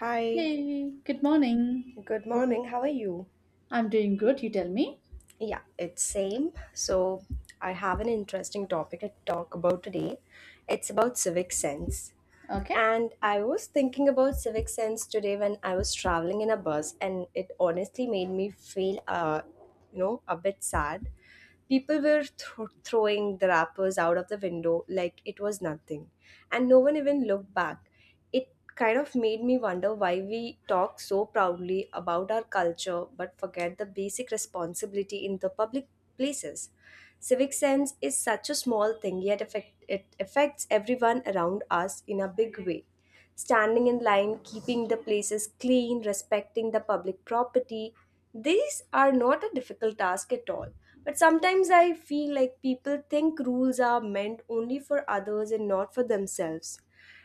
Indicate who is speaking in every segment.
Speaker 1: Hi,
Speaker 2: Hey, good morning.
Speaker 1: good morning. How are you?
Speaker 2: I'm doing good, you tell me.
Speaker 1: Yeah, it's same. So I have an interesting topic to talk about today. It's about civic sense.
Speaker 2: Okay.
Speaker 1: And I was thinking about civic sense today when I was traveling in a bus and it honestly made me feel a bit sad. People were throwing the wrappers out of the window like it was nothing, and no one even looked back. It kind of made me wonder why we talk so proudly about our culture but forget the basic responsibility in the public places. Civic sense is such a small thing, yet it affects everyone around us in a big way. Standing in line, keeping the places clean, respecting the public property, these are not a difficult task at all. But sometimes I feel like people think rules are meant only for others and not for themselves.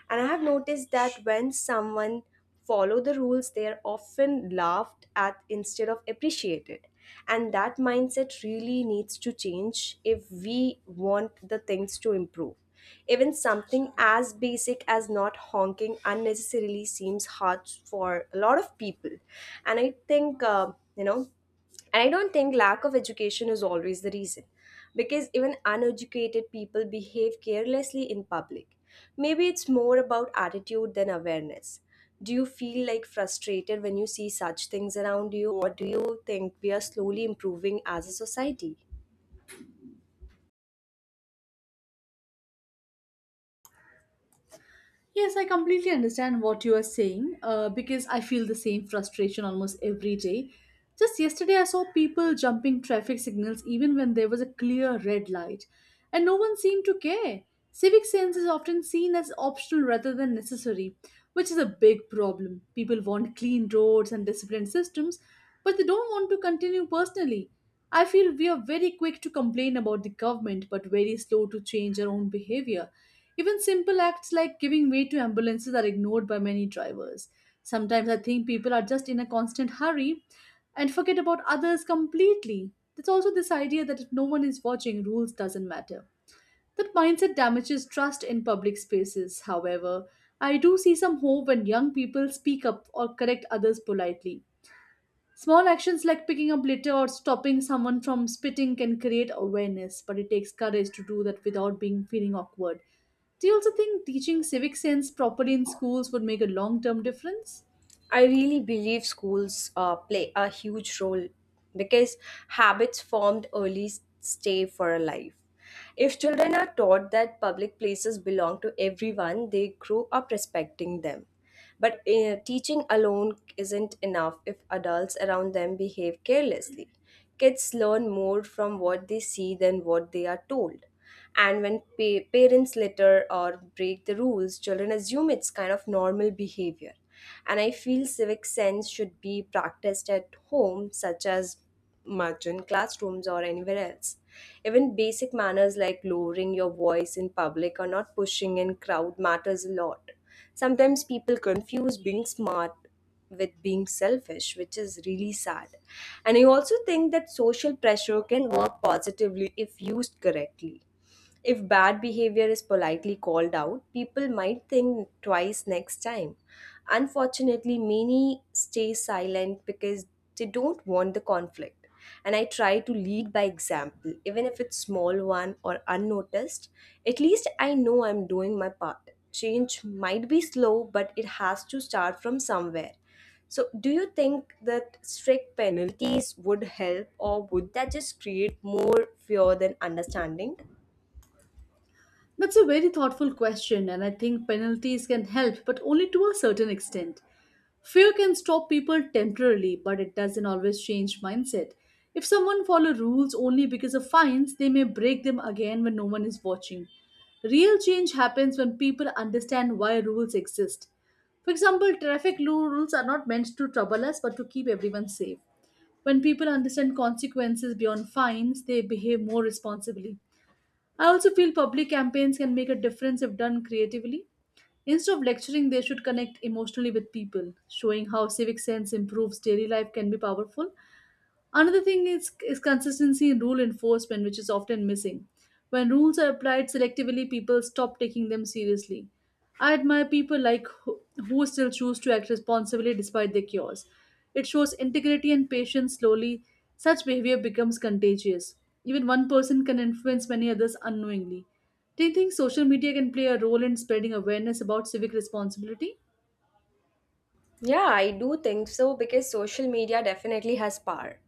Speaker 1: And I have noticed that when someone follow the rules, they are often laughed at instead of appreciated. And that mindset really needs to change if we want the things to improve. Even something as basic as not honking unnecessarily seems hard for a lot of people. And I think, and I don't think lack of education is always the reason, because even uneducated people behave carelessly in public. Maybe it's more about attitude than awareness. Do you feel like frustrated when you see such things around you, or do you think we are slowly improving as a society?
Speaker 2: Yes, I completely understand what you are saying because I feel the same frustration almost every day. Just yesterday, I saw people jumping traffic signals even when there was a clear red light, and no one seemed to care. Civic sense is often seen as optional rather than necessary, which is a big problem. People want clean roads and disciplined systems, but they don't want to continue personally. I feel we are very quick to complain about the government but very slow to change our own behavior. Even simple acts like giving way to ambulances are ignored by many drivers. Sometimes I think people are just in a constant hurry and forget about others completely. There's also this idea that if no one is watching, rules doesn't matter. That mindset damages trust in public spaces, however. I do see some hope when young people speak up or correct others politely. Small actions like picking up litter or stopping someone from spitting can create awareness, but it takes courage to do that without being feeling awkward. Do you also think teaching civic sense properly in schools would make a long term difference?
Speaker 1: I really believe schools play a huge role because habits formed early stay for a life. If children are taught that public places belong to everyone, they grow up respecting them. But teaching alone isn't enough if adults around them behave carelessly. Kids learn more from what they see than what they are told. And when parents litter or break the rules, children assume it's kind of normal behavior. And I feel civic sense should be practiced at home, such as margin classrooms or anywhere else. Even basic manners like lowering your voice in public or not pushing in crowd matters a lot. Sometimes people confuse being smart with being selfish, which is really sad. And I also think that social pressure can work positively if used correctly. If bad behavior is politely called out, people might think twice next time. Unfortunately, many stay silent because they don't want the conflict. And I try to lead by example, even if it's small one or unnoticed. At least I know I'm doing my part. Change might be slow, but it has to start from somewhere. So, do you think that strict penalties would help, or would that just create more fear than understanding?
Speaker 2: That's a very thoughtful question, and I think penalties can help, but only to a certain extent. Fear can stop people temporarily, but it doesn't always change mindset. If someone follows rules only because of fines, they may break them again when no one is watching. Real change happens when people understand why rules exist. For example, traffic rules are not meant to trouble us but to keep everyone safe. When people understand consequences beyond fines, they behave more responsibly. I also feel public campaigns can make a difference if done creatively. Instead of lecturing, they should connect emotionally with people. Showing how civic sense improves daily life can be powerful. Another thing is consistency in rule enforcement, which is often missing. When rules are applied selectively, people stop taking them seriously. I admire people who still choose to act responsibly despite their cures. It shows integrity and patience slowly. Such behavior becomes contagious. Even one person can influence many others unknowingly. Do you think social media can play a role in spreading awareness about civic responsibility?
Speaker 1: Yeah, I do think so because social media definitely has power,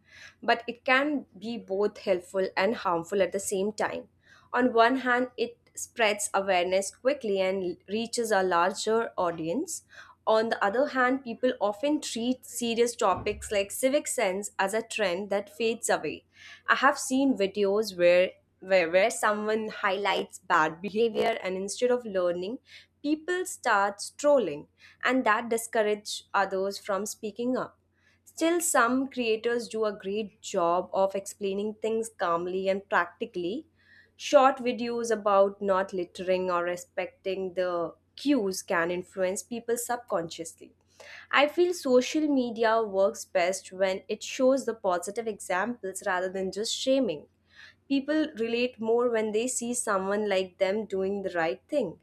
Speaker 1: but it can be both helpful and harmful at the same time. On one hand, it spreads awareness quickly and reaches a larger audience. On the other hand, people often treat serious topics like civic sense as a trend that fades away. I have seen videos where someone highlights bad behavior and instead of learning, people start trolling, and that discourage others from speaking up. Still, some creators do a great job of explaining things calmly and practically. Short videos about not littering or respecting the cues can influence people subconsciously. I feel social media works best when it shows the positive examples rather than just shaming. People relate more when they see someone like them doing the right thing.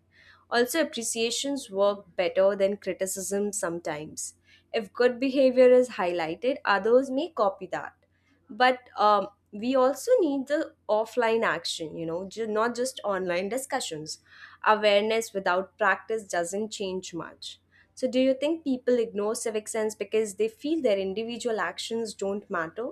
Speaker 1: Also, appreciations work better than criticism sometimes. If good behavior is highlighted, others may copy that. But we also need the offline action, not just online discussions. Awareness without practice doesn't change much. So, do you think people ignore civic sense because they feel their individual actions don't matter?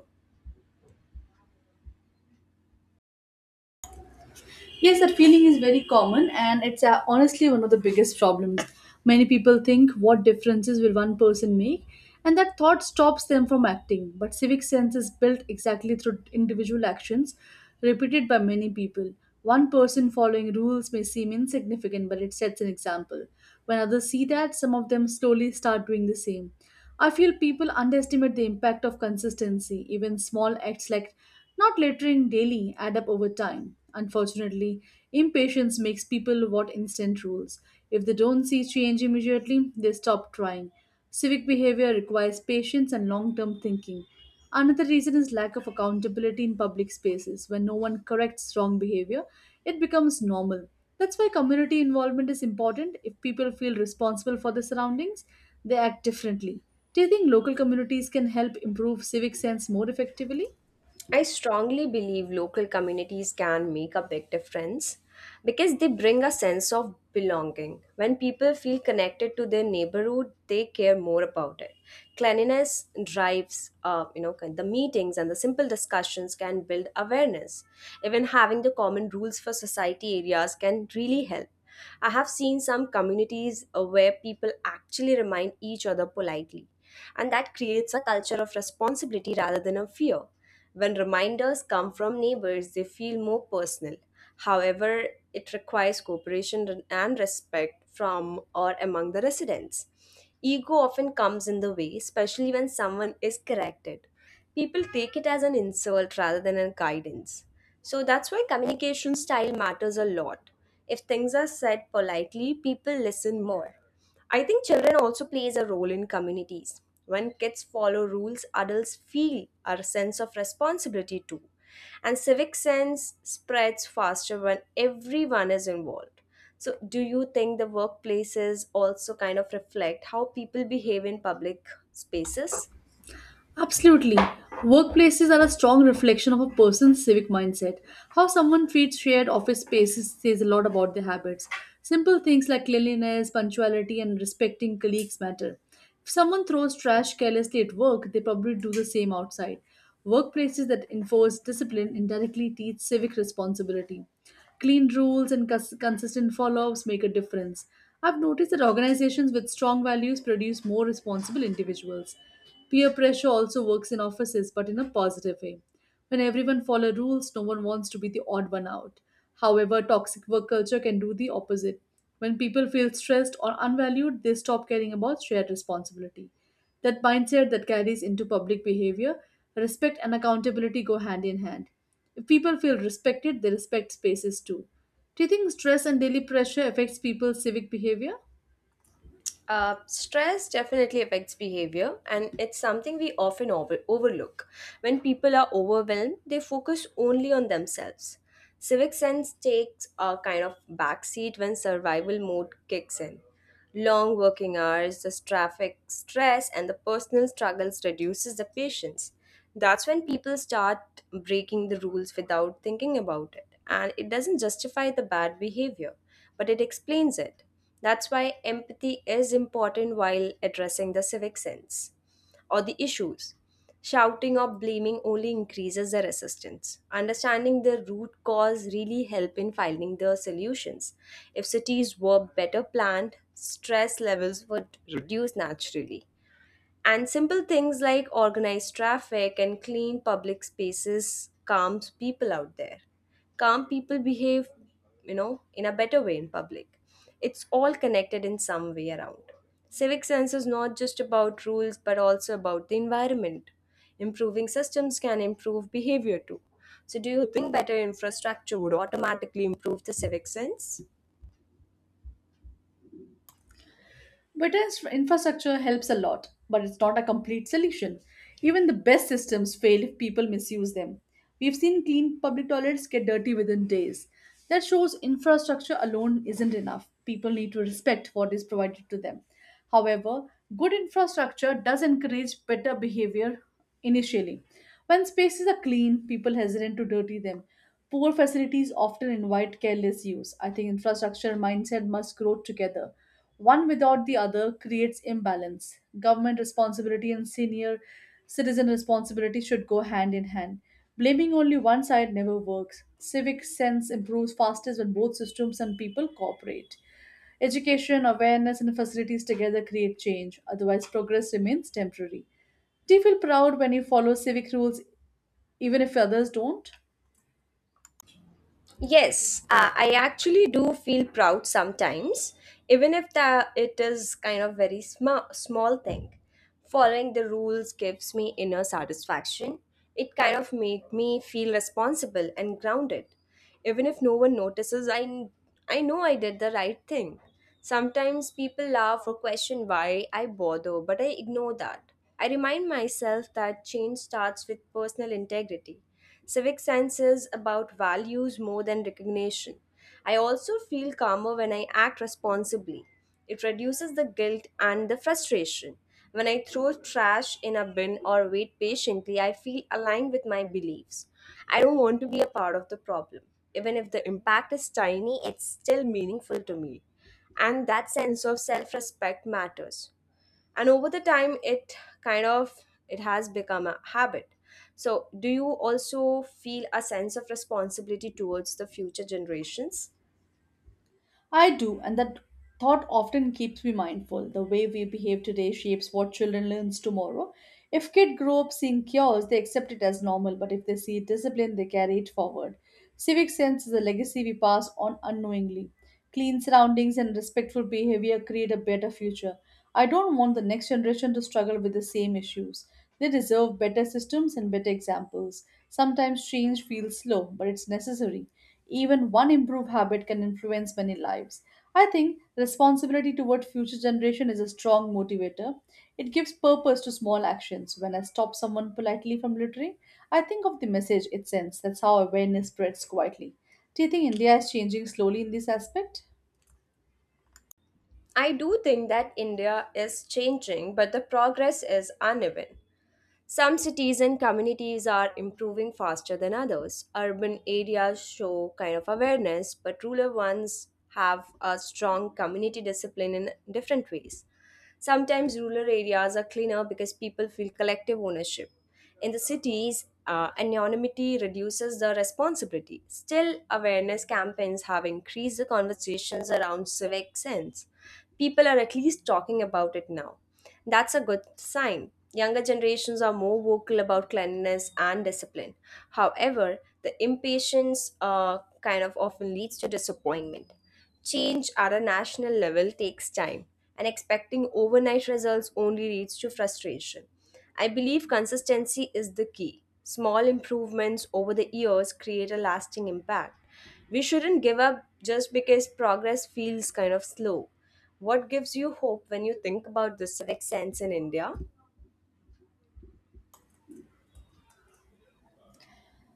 Speaker 2: Yes, that feeling is very common, and it's honestly one of the biggest problems. Many people think, what differences will one person make? And that thought stops them from acting. But civic sense is built exactly through individual actions repeated by many people. One person following rules may seem insignificant, but it sets an example. When others see that, some of them slowly start doing the same. I feel people underestimate the impact of consistency. Even small acts like not littering daily add up over time. Unfortunately, impatience makes people want instant rules. If they don't see change immediately, they stop trying. Civic behavior requires patience and long term thinking. Another reason is lack of accountability in public spaces. When no one corrects wrong behavior, it becomes normal. That's why community involvement is important. If people feel responsible for their surroundings, they act differently. Do you think local communities can help improve civic sense more effectively?
Speaker 1: I strongly believe local communities can make a big difference because they bring a sense of belonging. When people feel connected to their neighborhood, they care more about it. Cleanliness drives, the meetings and the simple discussions can build awareness. Even having the common rules for society areas can really help. I have seen some communities where people actually remind each other politely, and that creates a culture of responsibility rather than a fear. When reminders come from neighbors, they feel more personal. However, it requires cooperation and respect from or among the residents. Ego often comes in the way, especially when someone is corrected. People take it as an insult rather than a guidance. So that's why communication style matters a lot. If things are said politely, people listen more. I think children also plays a role in communities. When kids follow rules, adults feel our sense of responsibility too. And civic sense spreads faster when everyone is involved. So do you think the workplaces also kind of reflect how people behave in public spaces?
Speaker 2: Absolutely. Workplaces are a strong reflection of a person's civic mindset. How someone treats shared office spaces says a lot about their habits. Simple things like cleanliness, punctuality, and respecting colleagues matter. If someone throws trash carelessly at work, they probably do the same outside. Workplaces that enforce discipline indirectly teach civic responsibility. Clean rules and consistent follow ups make a difference. I've noticed that organizations with strong values produce more responsible individuals. Peer pressure also works in offices, but in a positive way. When everyone follows rules, no one wants to be the odd one out. However, toxic work culture can do the opposite. When people feel stressed or unvalued, they stop caring about shared responsibility. That mindset that carries into public behavior, respect and accountability go hand in hand. If people feel respected, they respect spaces too. Do you think stress and daily pressure affects people's civic behavior?
Speaker 1: Stress definitely affects behavior, and it's something we often overlook. When people are overwhelmed, they focus only on themselves. Civic sense takes a kind of backseat when survival mode kicks in. Long working hours, the traffic stress, and the personal struggles reduces the patience. That's when people start breaking the rules without thinking about it. And it doesn't justify the bad behavior, but it explains it. That's why empathy is important while addressing the civic sense or the issues. Shouting or blaming only increases the resistance. Understanding the root cause really help in finding the solutions. If cities were better planned, stress levels would reduce naturally. And simple things like organized traffic and clean public spaces calms people out there. Calm people behave, in a better way in public. It's all connected in some way around. Civic sense is not just about rules but also about the environment. Improving systems can improve behavior too. So, do you think better infrastructure would automatically improve the civic sense?
Speaker 2: Better infrastructure helps a lot, but it's not a complete solution. Even the best systems fail if people misuse them. We've seen clean public toilets get dirty within days. That shows infrastructure alone isn't enough. People need to respect what is provided to them. However, good infrastructure does encourage better behavior initially. When spaces are clean, people hesitant to dirty them. Poor facilities often invite careless use. I think infrastructure mindset must grow together. One without the other creates imbalance. Government responsibility and senior citizen responsibility should go hand in hand. Blaming only one side never works. Civic sense improves fastest when both systems and people cooperate. Education, awareness, and facilities together create change, otherwise, progress remains temporary. Do you feel proud when you follow civic rules even if others don't?
Speaker 1: Yes, I actually do feel proud sometimes, even if the, it is kind of very small thing. Following the rules gives me inner satisfaction. It kind of made me feel responsible and grounded. Even if no one notices, I know I did the right thing. Sometimes people laugh or question why I bother, but I ignore that. I remind myself that change starts with personal integrity. Civic science is about values more than recognition. I also feel calmer when I act responsibly. It reduces the guilt and the frustration. When I throw trash in a bin or wait patiently, I feel aligned with my beliefs. I don't want to be a part of the problem. Even if the impact is tiny, it's still meaningful to me. And that sense of self respect matters, and over the time it kind of it has become a habit. So do you also feel a sense of responsibility towards the future generations?
Speaker 2: I do, and that thought often keeps me mindful. The way we behave today shapes what children learns tomorrow. If kids grow up seeing cures, they accept it as normal, but if they see discipline, they carry it forward. Civic sense is a legacy we pass on unknowingly. Clean surroundings and respectful behavior create a better future. I don't want the next generation to struggle with the same issues. They deserve better systems and better examples. Sometimes change feels slow, but it's necessary. Even one improved habit can influence many lives. I think responsibility toward future generation is a strong motivator. It gives purpose to small actions. When I stop someone politely from littering, I think of the message it sends. That's how awareness spreads quietly. Do you think India is changing slowly in this aspect?
Speaker 1: I do think that India is changing, but the progress is uneven. Some cities and communities are improving faster than others. Urban areas show kind of awareness, but rural ones have a strong community discipline in different ways. Sometimes rural areas are cleaner because people feel collective ownership. In the cities, anonymity reduces the responsibility. Still, awareness campaigns have increased the conversations around civic sense. People are at least talking about it now. That's a good sign. Younger generations are more vocal about cleanliness and discipline. However, the impatience kind of often leads to disappointment. Change at a national level takes time, and expecting overnight results only leads to frustration. I believe consistency is the key. Small improvements over the years create a lasting impact. We shouldn't give up just because progress feels kind of slow. What gives you hope when you think about the civic sense in India?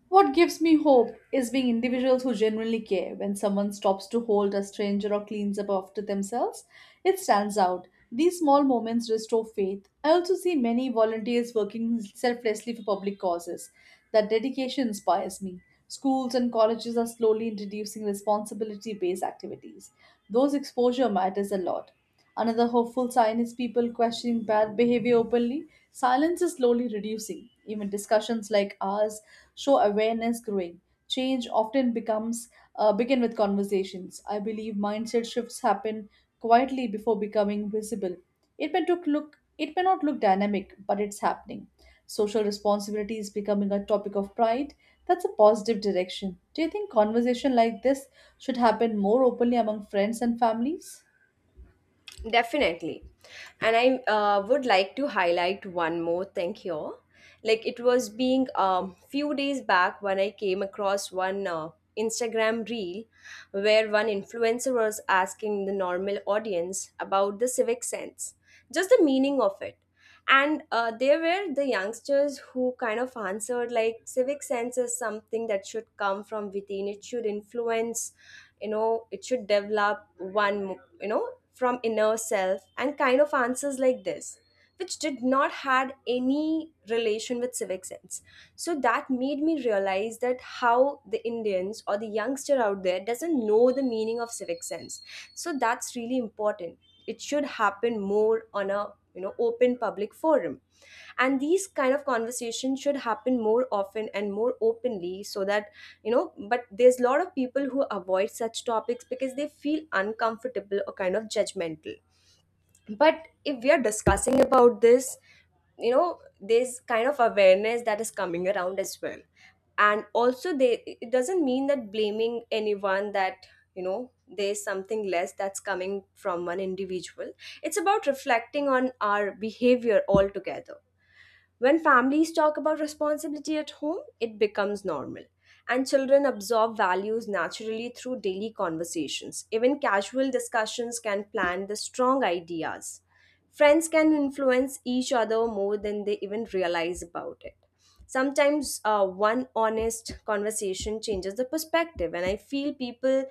Speaker 2: What gives me hope is being individuals who genuinely care. When someone stops to hold a stranger or cleans up after themselves, it stands out. These small moments restore faith. I also see many volunteers working selflessly for public causes. That dedication inspires me. Schools and colleges are slowly introducing responsibility based activities. Those exposure matters a lot. Another hopeful sign is people questioning bad behavior openly. Silence is slowly reducing. Even discussions like ours show awareness growing. Change often becomes begin with conversations. I believe mindset shifts happen quietly before becoming visible. It may took look it may not look dynamic, but it's happening. Social responsibility is becoming a topic of pride. That's a positive direction. Do you think conversation like this should happen more openly among friends and families?
Speaker 1: Definitely. And I would like to highlight one more thing here. Like it was being few days back when I came across one Instagram reel where one influencer was asking the normal audience about the civic sense, just the meaning of it. And There were the youngsters who kind of answered like civic sense is something that should come from within. It should influence, it should develop one, from inner self, and kind of answers like this, which did not had any relation with civic sense. So that made me realize that how the Indians or the youngster out there doesn't know the meaning of civic sense. So that's really important. It should happen more on a, open public forum, and these kind of conversations should happen more often and more openly so that, but there's a lot of people who avoid such topics because they feel uncomfortable or kind of judgmental. But if we are discussing about this, there's kind of awareness that is coming around as well. And also they, it doesn't mean that blaming anyone that, there's something less that's coming from one individual. It's about reflecting on our behavior altogether. When families talk about responsibility at home, it becomes normal. And children absorb values naturally through daily conversations. Even casual discussions can plant the strong ideas. Friends can influence each other more than they even realize about it. Sometimes one honest conversation changes the perspective, and I feel people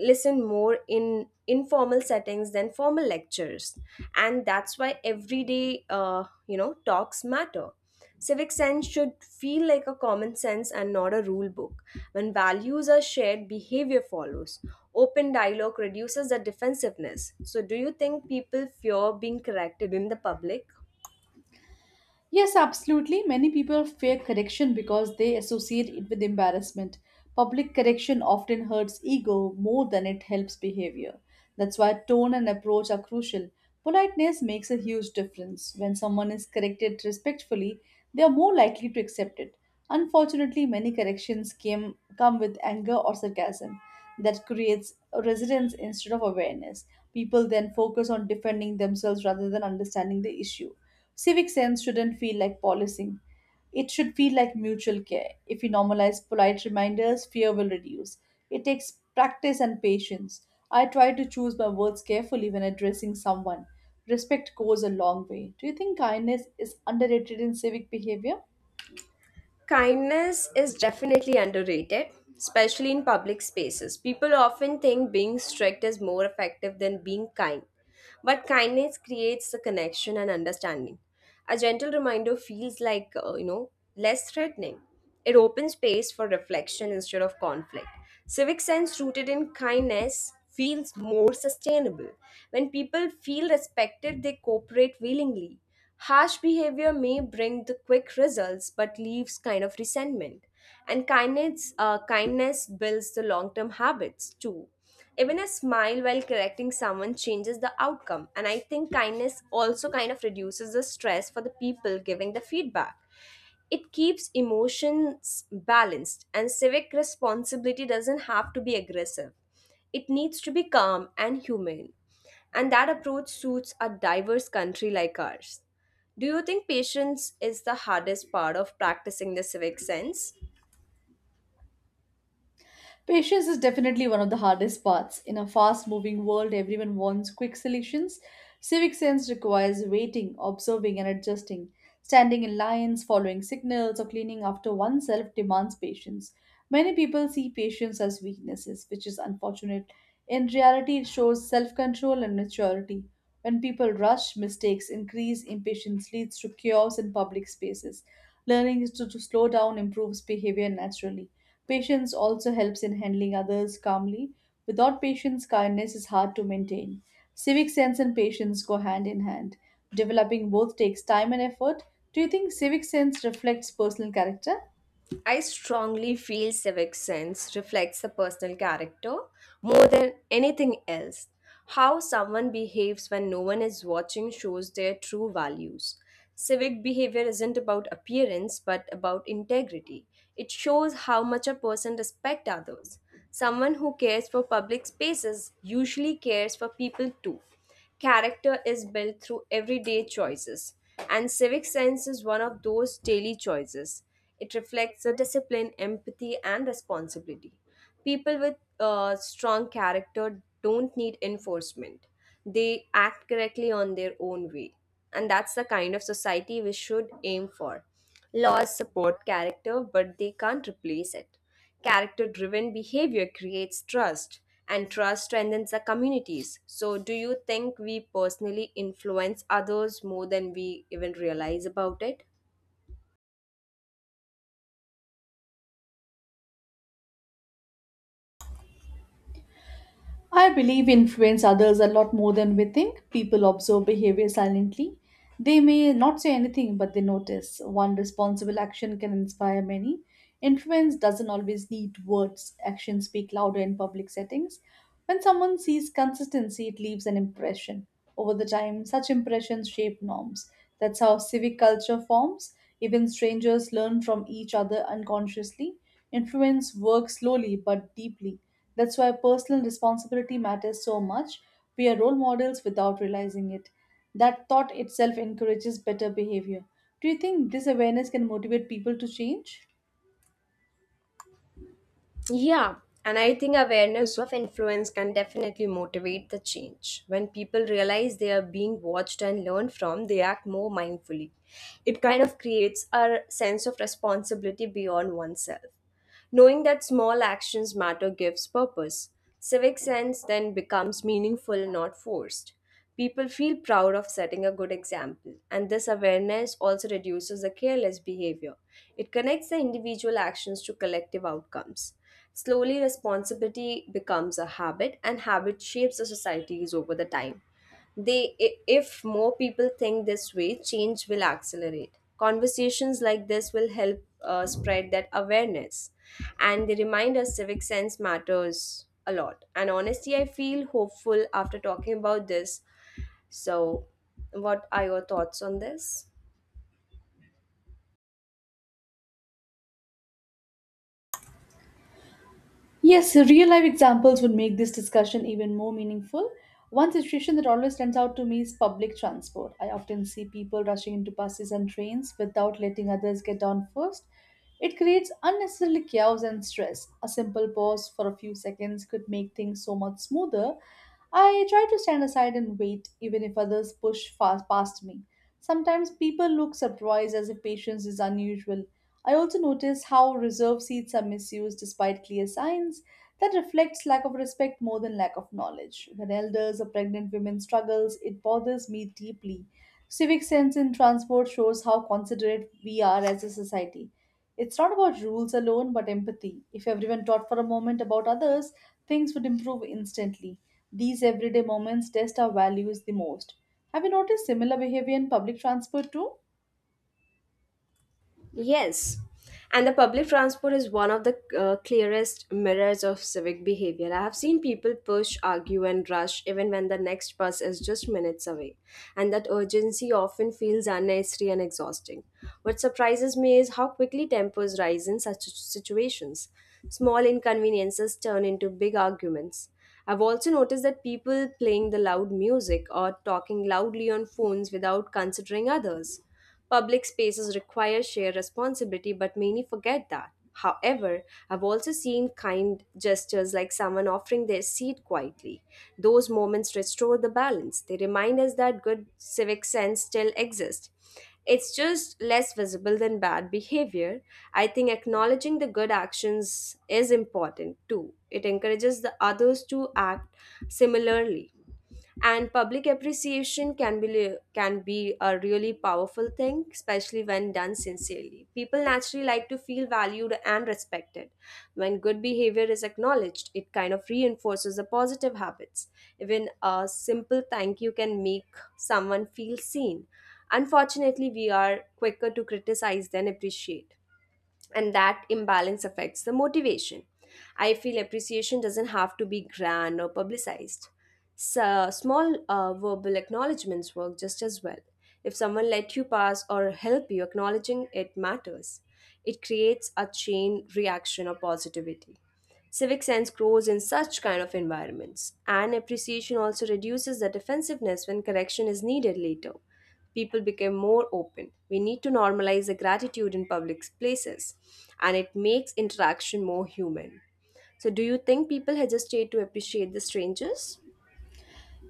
Speaker 1: listen more in informal settings than formal lectures. And that's why everyday talks matter. Civic sense should feel like a common sense and not a rule book. When values are shared, behavior follows. Open dialogue reduces the defensiveness. So do you think people fear being corrected in the public?
Speaker 2: Yes, absolutely. Many people fear correction because they associate it with embarrassment. Public correction often hurts ego more than it helps behavior. That's why tone and approach are crucial. Politeness makes a huge difference. When someone is corrected respectfully, they are more likely to accept it. Unfortunately, many come with anger or sarcasm that creates resistance instead of awareness. People then focus on defending themselves rather than understanding the issue. Civic sense shouldn't feel like policing. It should feel like mutual care. If we normalize polite reminders, fear will reduce. It takes practice and patience. I try to choose my words carefully when addressing someone. Respect goes a long way. Do you think kindness is underrated in civic behavior?
Speaker 1: Kindness is definitely underrated, especially in public spaces. People often think being strict is more effective than being kind, but kindness creates the connection and understanding. A gentle reminder feels like, less threatening. It opens space for reflection instead of conflict. Civic sense rooted in kindness feels more sustainable. When people feel respected, they cooperate willingly. Harsh behavior may bring the quick results but leaves kind of resentment. And kindness, kindness builds the long term habits too. Even a smile while correcting someone changes the outcome. And I think kindness also kind of reduces the stress for the people giving the feedback. It keeps emotions balanced, and civic responsibility doesn't have to be aggressive. It needs to be calm and humane. And that approach suits a diverse country like ours. Do you think patience is the hardest part of practicing the civic sense?
Speaker 2: Patience is definitely one of the hardest parts. In a fast moving world, everyone wants quick solutions. Civic sense requires waiting, observing, and adjusting. Standing in lines, following signals, or cleaning after oneself demands patience. Many people see patience as weaknesses, which is unfortunate. In reality, it shows self control and maturity. When people rush, mistakes increase, impatience leads to chaos in public spaces. Learning is to slow down improves behavior naturally. Patience also helps in handling others calmly. Without patience, kindness is hard to maintain. Civic sense and patience go hand in hand. Developing both takes time and effort. Do you think civic sense reflects personal character?
Speaker 1: I strongly feel civic sense reflects the personal character more than anything else. How someone behaves when no one is watching shows their true values. Civic behavior isn't about appearance but about integrity. It shows how much a person respects others. Someone who cares for public spaces usually cares for people too. Character is built through everyday choices, and civic sense is one of those daily choices. It reflects the discipline, empathy, and responsibility. People with strong character don't need enforcement, they act correctly on their own way. And that's the kind of society we should aim for. Laws support character, but they can't replace it. Character driven behavior creates trust, and trust strengthens the communities. So, do you think we personally influence others more than we even realize about it?
Speaker 2: I believe we influence others a lot more than we think. People observe behavior silently. They may not say anything, but they notice. One responsible action can inspire many. Influence doesn't always need words, actions speak louder in public settings. When someone sees consistency, it leaves an impression. Over the time, such impressions shape norms. That's how civic culture forms. Even strangers learn from each other unconsciously. Influence works slowly but deeply. That's why personal responsibility matters so much. We are role models without realizing it. That thought itself encourages better behavior. Do you think this awareness can motivate people to change?
Speaker 1: Yeah, and I think awareness of influence can definitely motivate the change. When people realize they are being watched and learned from, they act more mindfully. It kind of creates a sense of responsibility beyond oneself. Knowing that small actions matter gives purpose. Civic sense then becomes meaningful, not forced. People feel proud of setting a good example, and this awareness also reduces the careless behavior. It connects the individual actions to collective outcomes. Slowly, responsibility becomes a habit, and habit shapes the societies over the time. They, if more people think this way, change will accelerate. Conversations like this will help spread that awareness, and they remind us civic sense matters a lot. And honestly, I feel hopeful after talking about this. So, what are your thoughts on this?
Speaker 2: Yes, so real life examples would make this discussion even more meaningful. One situation that always stands out to me is public transport. I often see people rushing into buses and trains without letting others get down first. It creates unnecessary chaos and stress. A simple pause for a few seconds could make things so much smoother. I try to stand aside and wait, even if others push fast past me. Sometimes people look surprised as if patience is unusual. I also notice how reserved seats are misused despite clear signs. That reflects lack of respect more than lack of knowledge. When elders or pregnant women struggles, it bothers me deeply. Civic sense in transport shows how considerate we are as a society. It's not about rules alone, but empathy. If everyone thought for a moment about others, things would improve instantly. These everyday moments test our values the most. Have you noticed similar behavior in public transport too?
Speaker 1: Yes, and the public transport is one of the clearest mirrors of civic behavior. I have seen people push, argue, and rush even when the next bus is just minutes away, and that urgency often feels unnecessary and exhausting. What surprises me is how quickly tempers rise in such situations. Small inconveniences turn into big arguments. I've also noticed that people playing the loud music or talking loudly on phones without considering others. Public spaces require shared responsibility, but many forget that. However, I've also seen kind gestures like someone offering their seat quietly. Those moments restore the balance. They remind us that good civic sense still exists. It's just less visible than bad behavior. I think acknowledging the good actions is important too. It encourages the others to act similarly, and public appreciation can be, a really powerful thing, especially when done sincerely. People naturally like to feel valued and respected. When good behavior is acknowledged, it kind of reinforces the positive habits. Even a simple thank you can make someone feel seen. Unfortunately, we are quicker to criticize than appreciate, and that imbalance affects the motivation. I feel appreciation doesn't have to be grand or publicized. So, small verbal acknowledgements work just as well. If someone let you pass or help you, acknowledging it matters. It creates a chain reaction of positivity. Civic sense grows in such kind of environments, and appreciation also reduces the defensiveness when correction is needed later. People became more open. We need to normalize the gratitude in public places, and it makes interaction more human. So, do you think people hesitate to appreciate the strangers?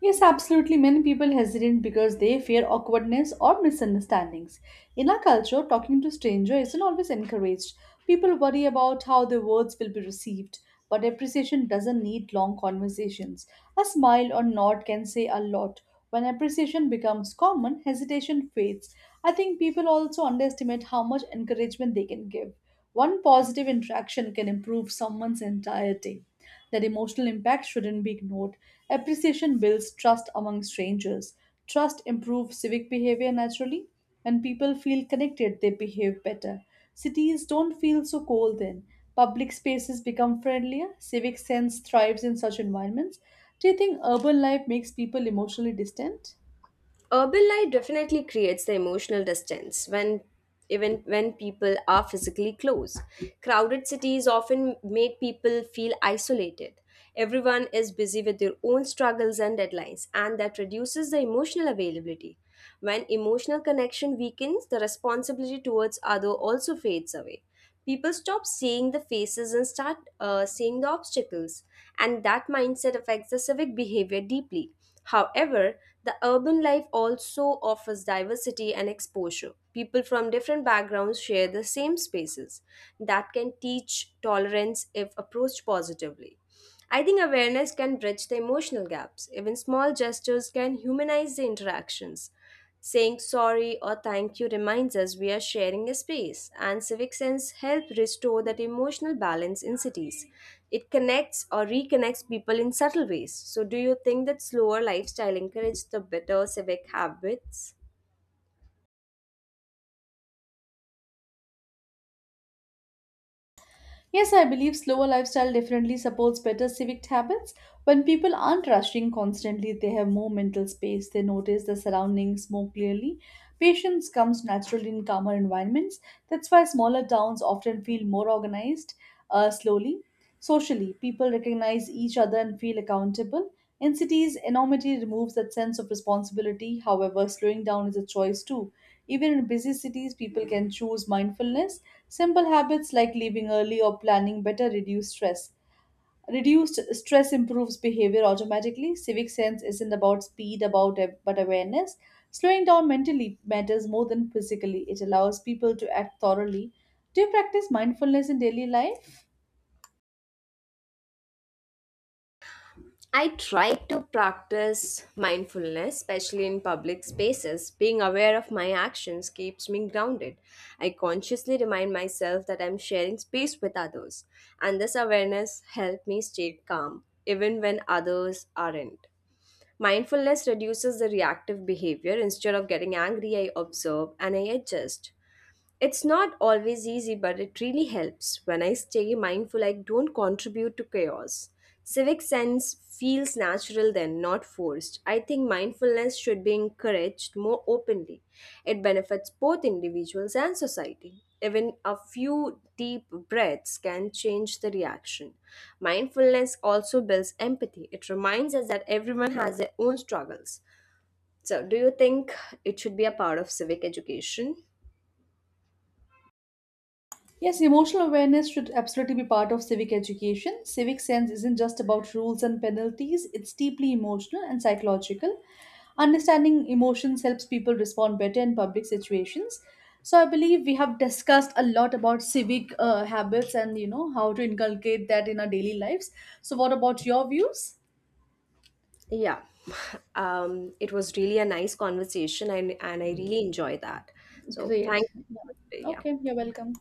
Speaker 2: Yes, absolutely. Many people hesitate because they fear awkwardness or misunderstandings. In our culture, talking to strangers isn't always encouraged. People worry about how their words will be received, but appreciation doesn't need long conversations. A smile or nod can say a lot. When appreciation becomes common, hesitation fades. I think people also underestimate how much encouragement they can give. One positive interaction can improve someone's entire day. That emotional impact shouldn't be ignored. Appreciation builds trust among strangers. Trust improves civic behavior naturally. When people feel connected, they behave better. Cities don't feel so cold then. Public spaces become friendlier. Civic sense thrives in such environments. Do you think urban life makes people emotionally distant?
Speaker 1: Urban life definitely creates the emotional distance when, even when people are physically close. Crowded cities often make people feel isolated. Everyone is busy with their own struggles and deadlines, and that reduces the emotional availability. When emotional connection weakens, the responsibility towards other also fades away. People stop seeing the faces and start seeing the obstacles, and that mindset affects the civic behavior deeply. However, the urban life also offers diversity and exposure. People from different backgrounds share the same spaces. That can teach tolerance if approached positively. I think awareness can bridge the emotional gaps. Even small gestures can humanize the interactions. Saying sorry or thank you reminds us we are sharing a space, and civic sense help restore that emotional balance in cities. It connects or reconnects people in subtle ways. So, do you think that slower lifestyle encourages the better civic habits?
Speaker 2: Yes, I believe slower lifestyle definitely supports better civic habits. When people aren't rushing constantly, they have more mental space, they notice the surroundings more clearly. Patience comes naturally in calmer environments. That's why smaller towns often feel more organized slowly. Socially, people recognize each other and feel accountable. In cities, enormity removes that sense of responsibility. However, slowing down is a choice too. Even in busy cities, people can choose mindfulness. Simple habits like leaving early or planning better reduce stress. Reduced stress improves behavior automatically. Civic sense isn't about but awareness. Slowing down mentally matters more than physically. It allows people to act thoroughly. Do you practice mindfulness in daily life?
Speaker 1: I try to practice mindfulness, especially in public spaces. Being aware of my actions keeps me grounded. I consciously remind myself that I'm sharing space with others, and this awareness helps me stay calm even when others aren't. Mindfulness reduces the reactive behavior. Instead of getting angry, I observe and I adjust. It's not always easy, but it really helps. When I stay mindful, I don't contribute to chaos. Civic sense feels natural then, not forced. I think mindfulness should be encouraged more openly. It benefits both individuals and society. Even a few deep breaths can change the reaction. Mindfulness also builds empathy. It reminds us that everyone has their own struggles. So, do you think it should be a part of civic education?
Speaker 2: Yes, emotional awareness should absolutely be part of civic education. Civic sense isn't just about rules and penalties, it's deeply emotional and psychological. Understanding emotions helps people respond better in public situations. So I believe we have discussed a lot about civic habits and you know how to inculcate that in our daily lives. So what about your views?
Speaker 1: Yeah, it was really a nice conversation, and I really enjoy that. So thank,
Speaker 2: Great.
Speaker 1: you.
Speaker 2: Yeah.
Speaker 1: Yeah.
Speaker 2: Okay, you're welcome.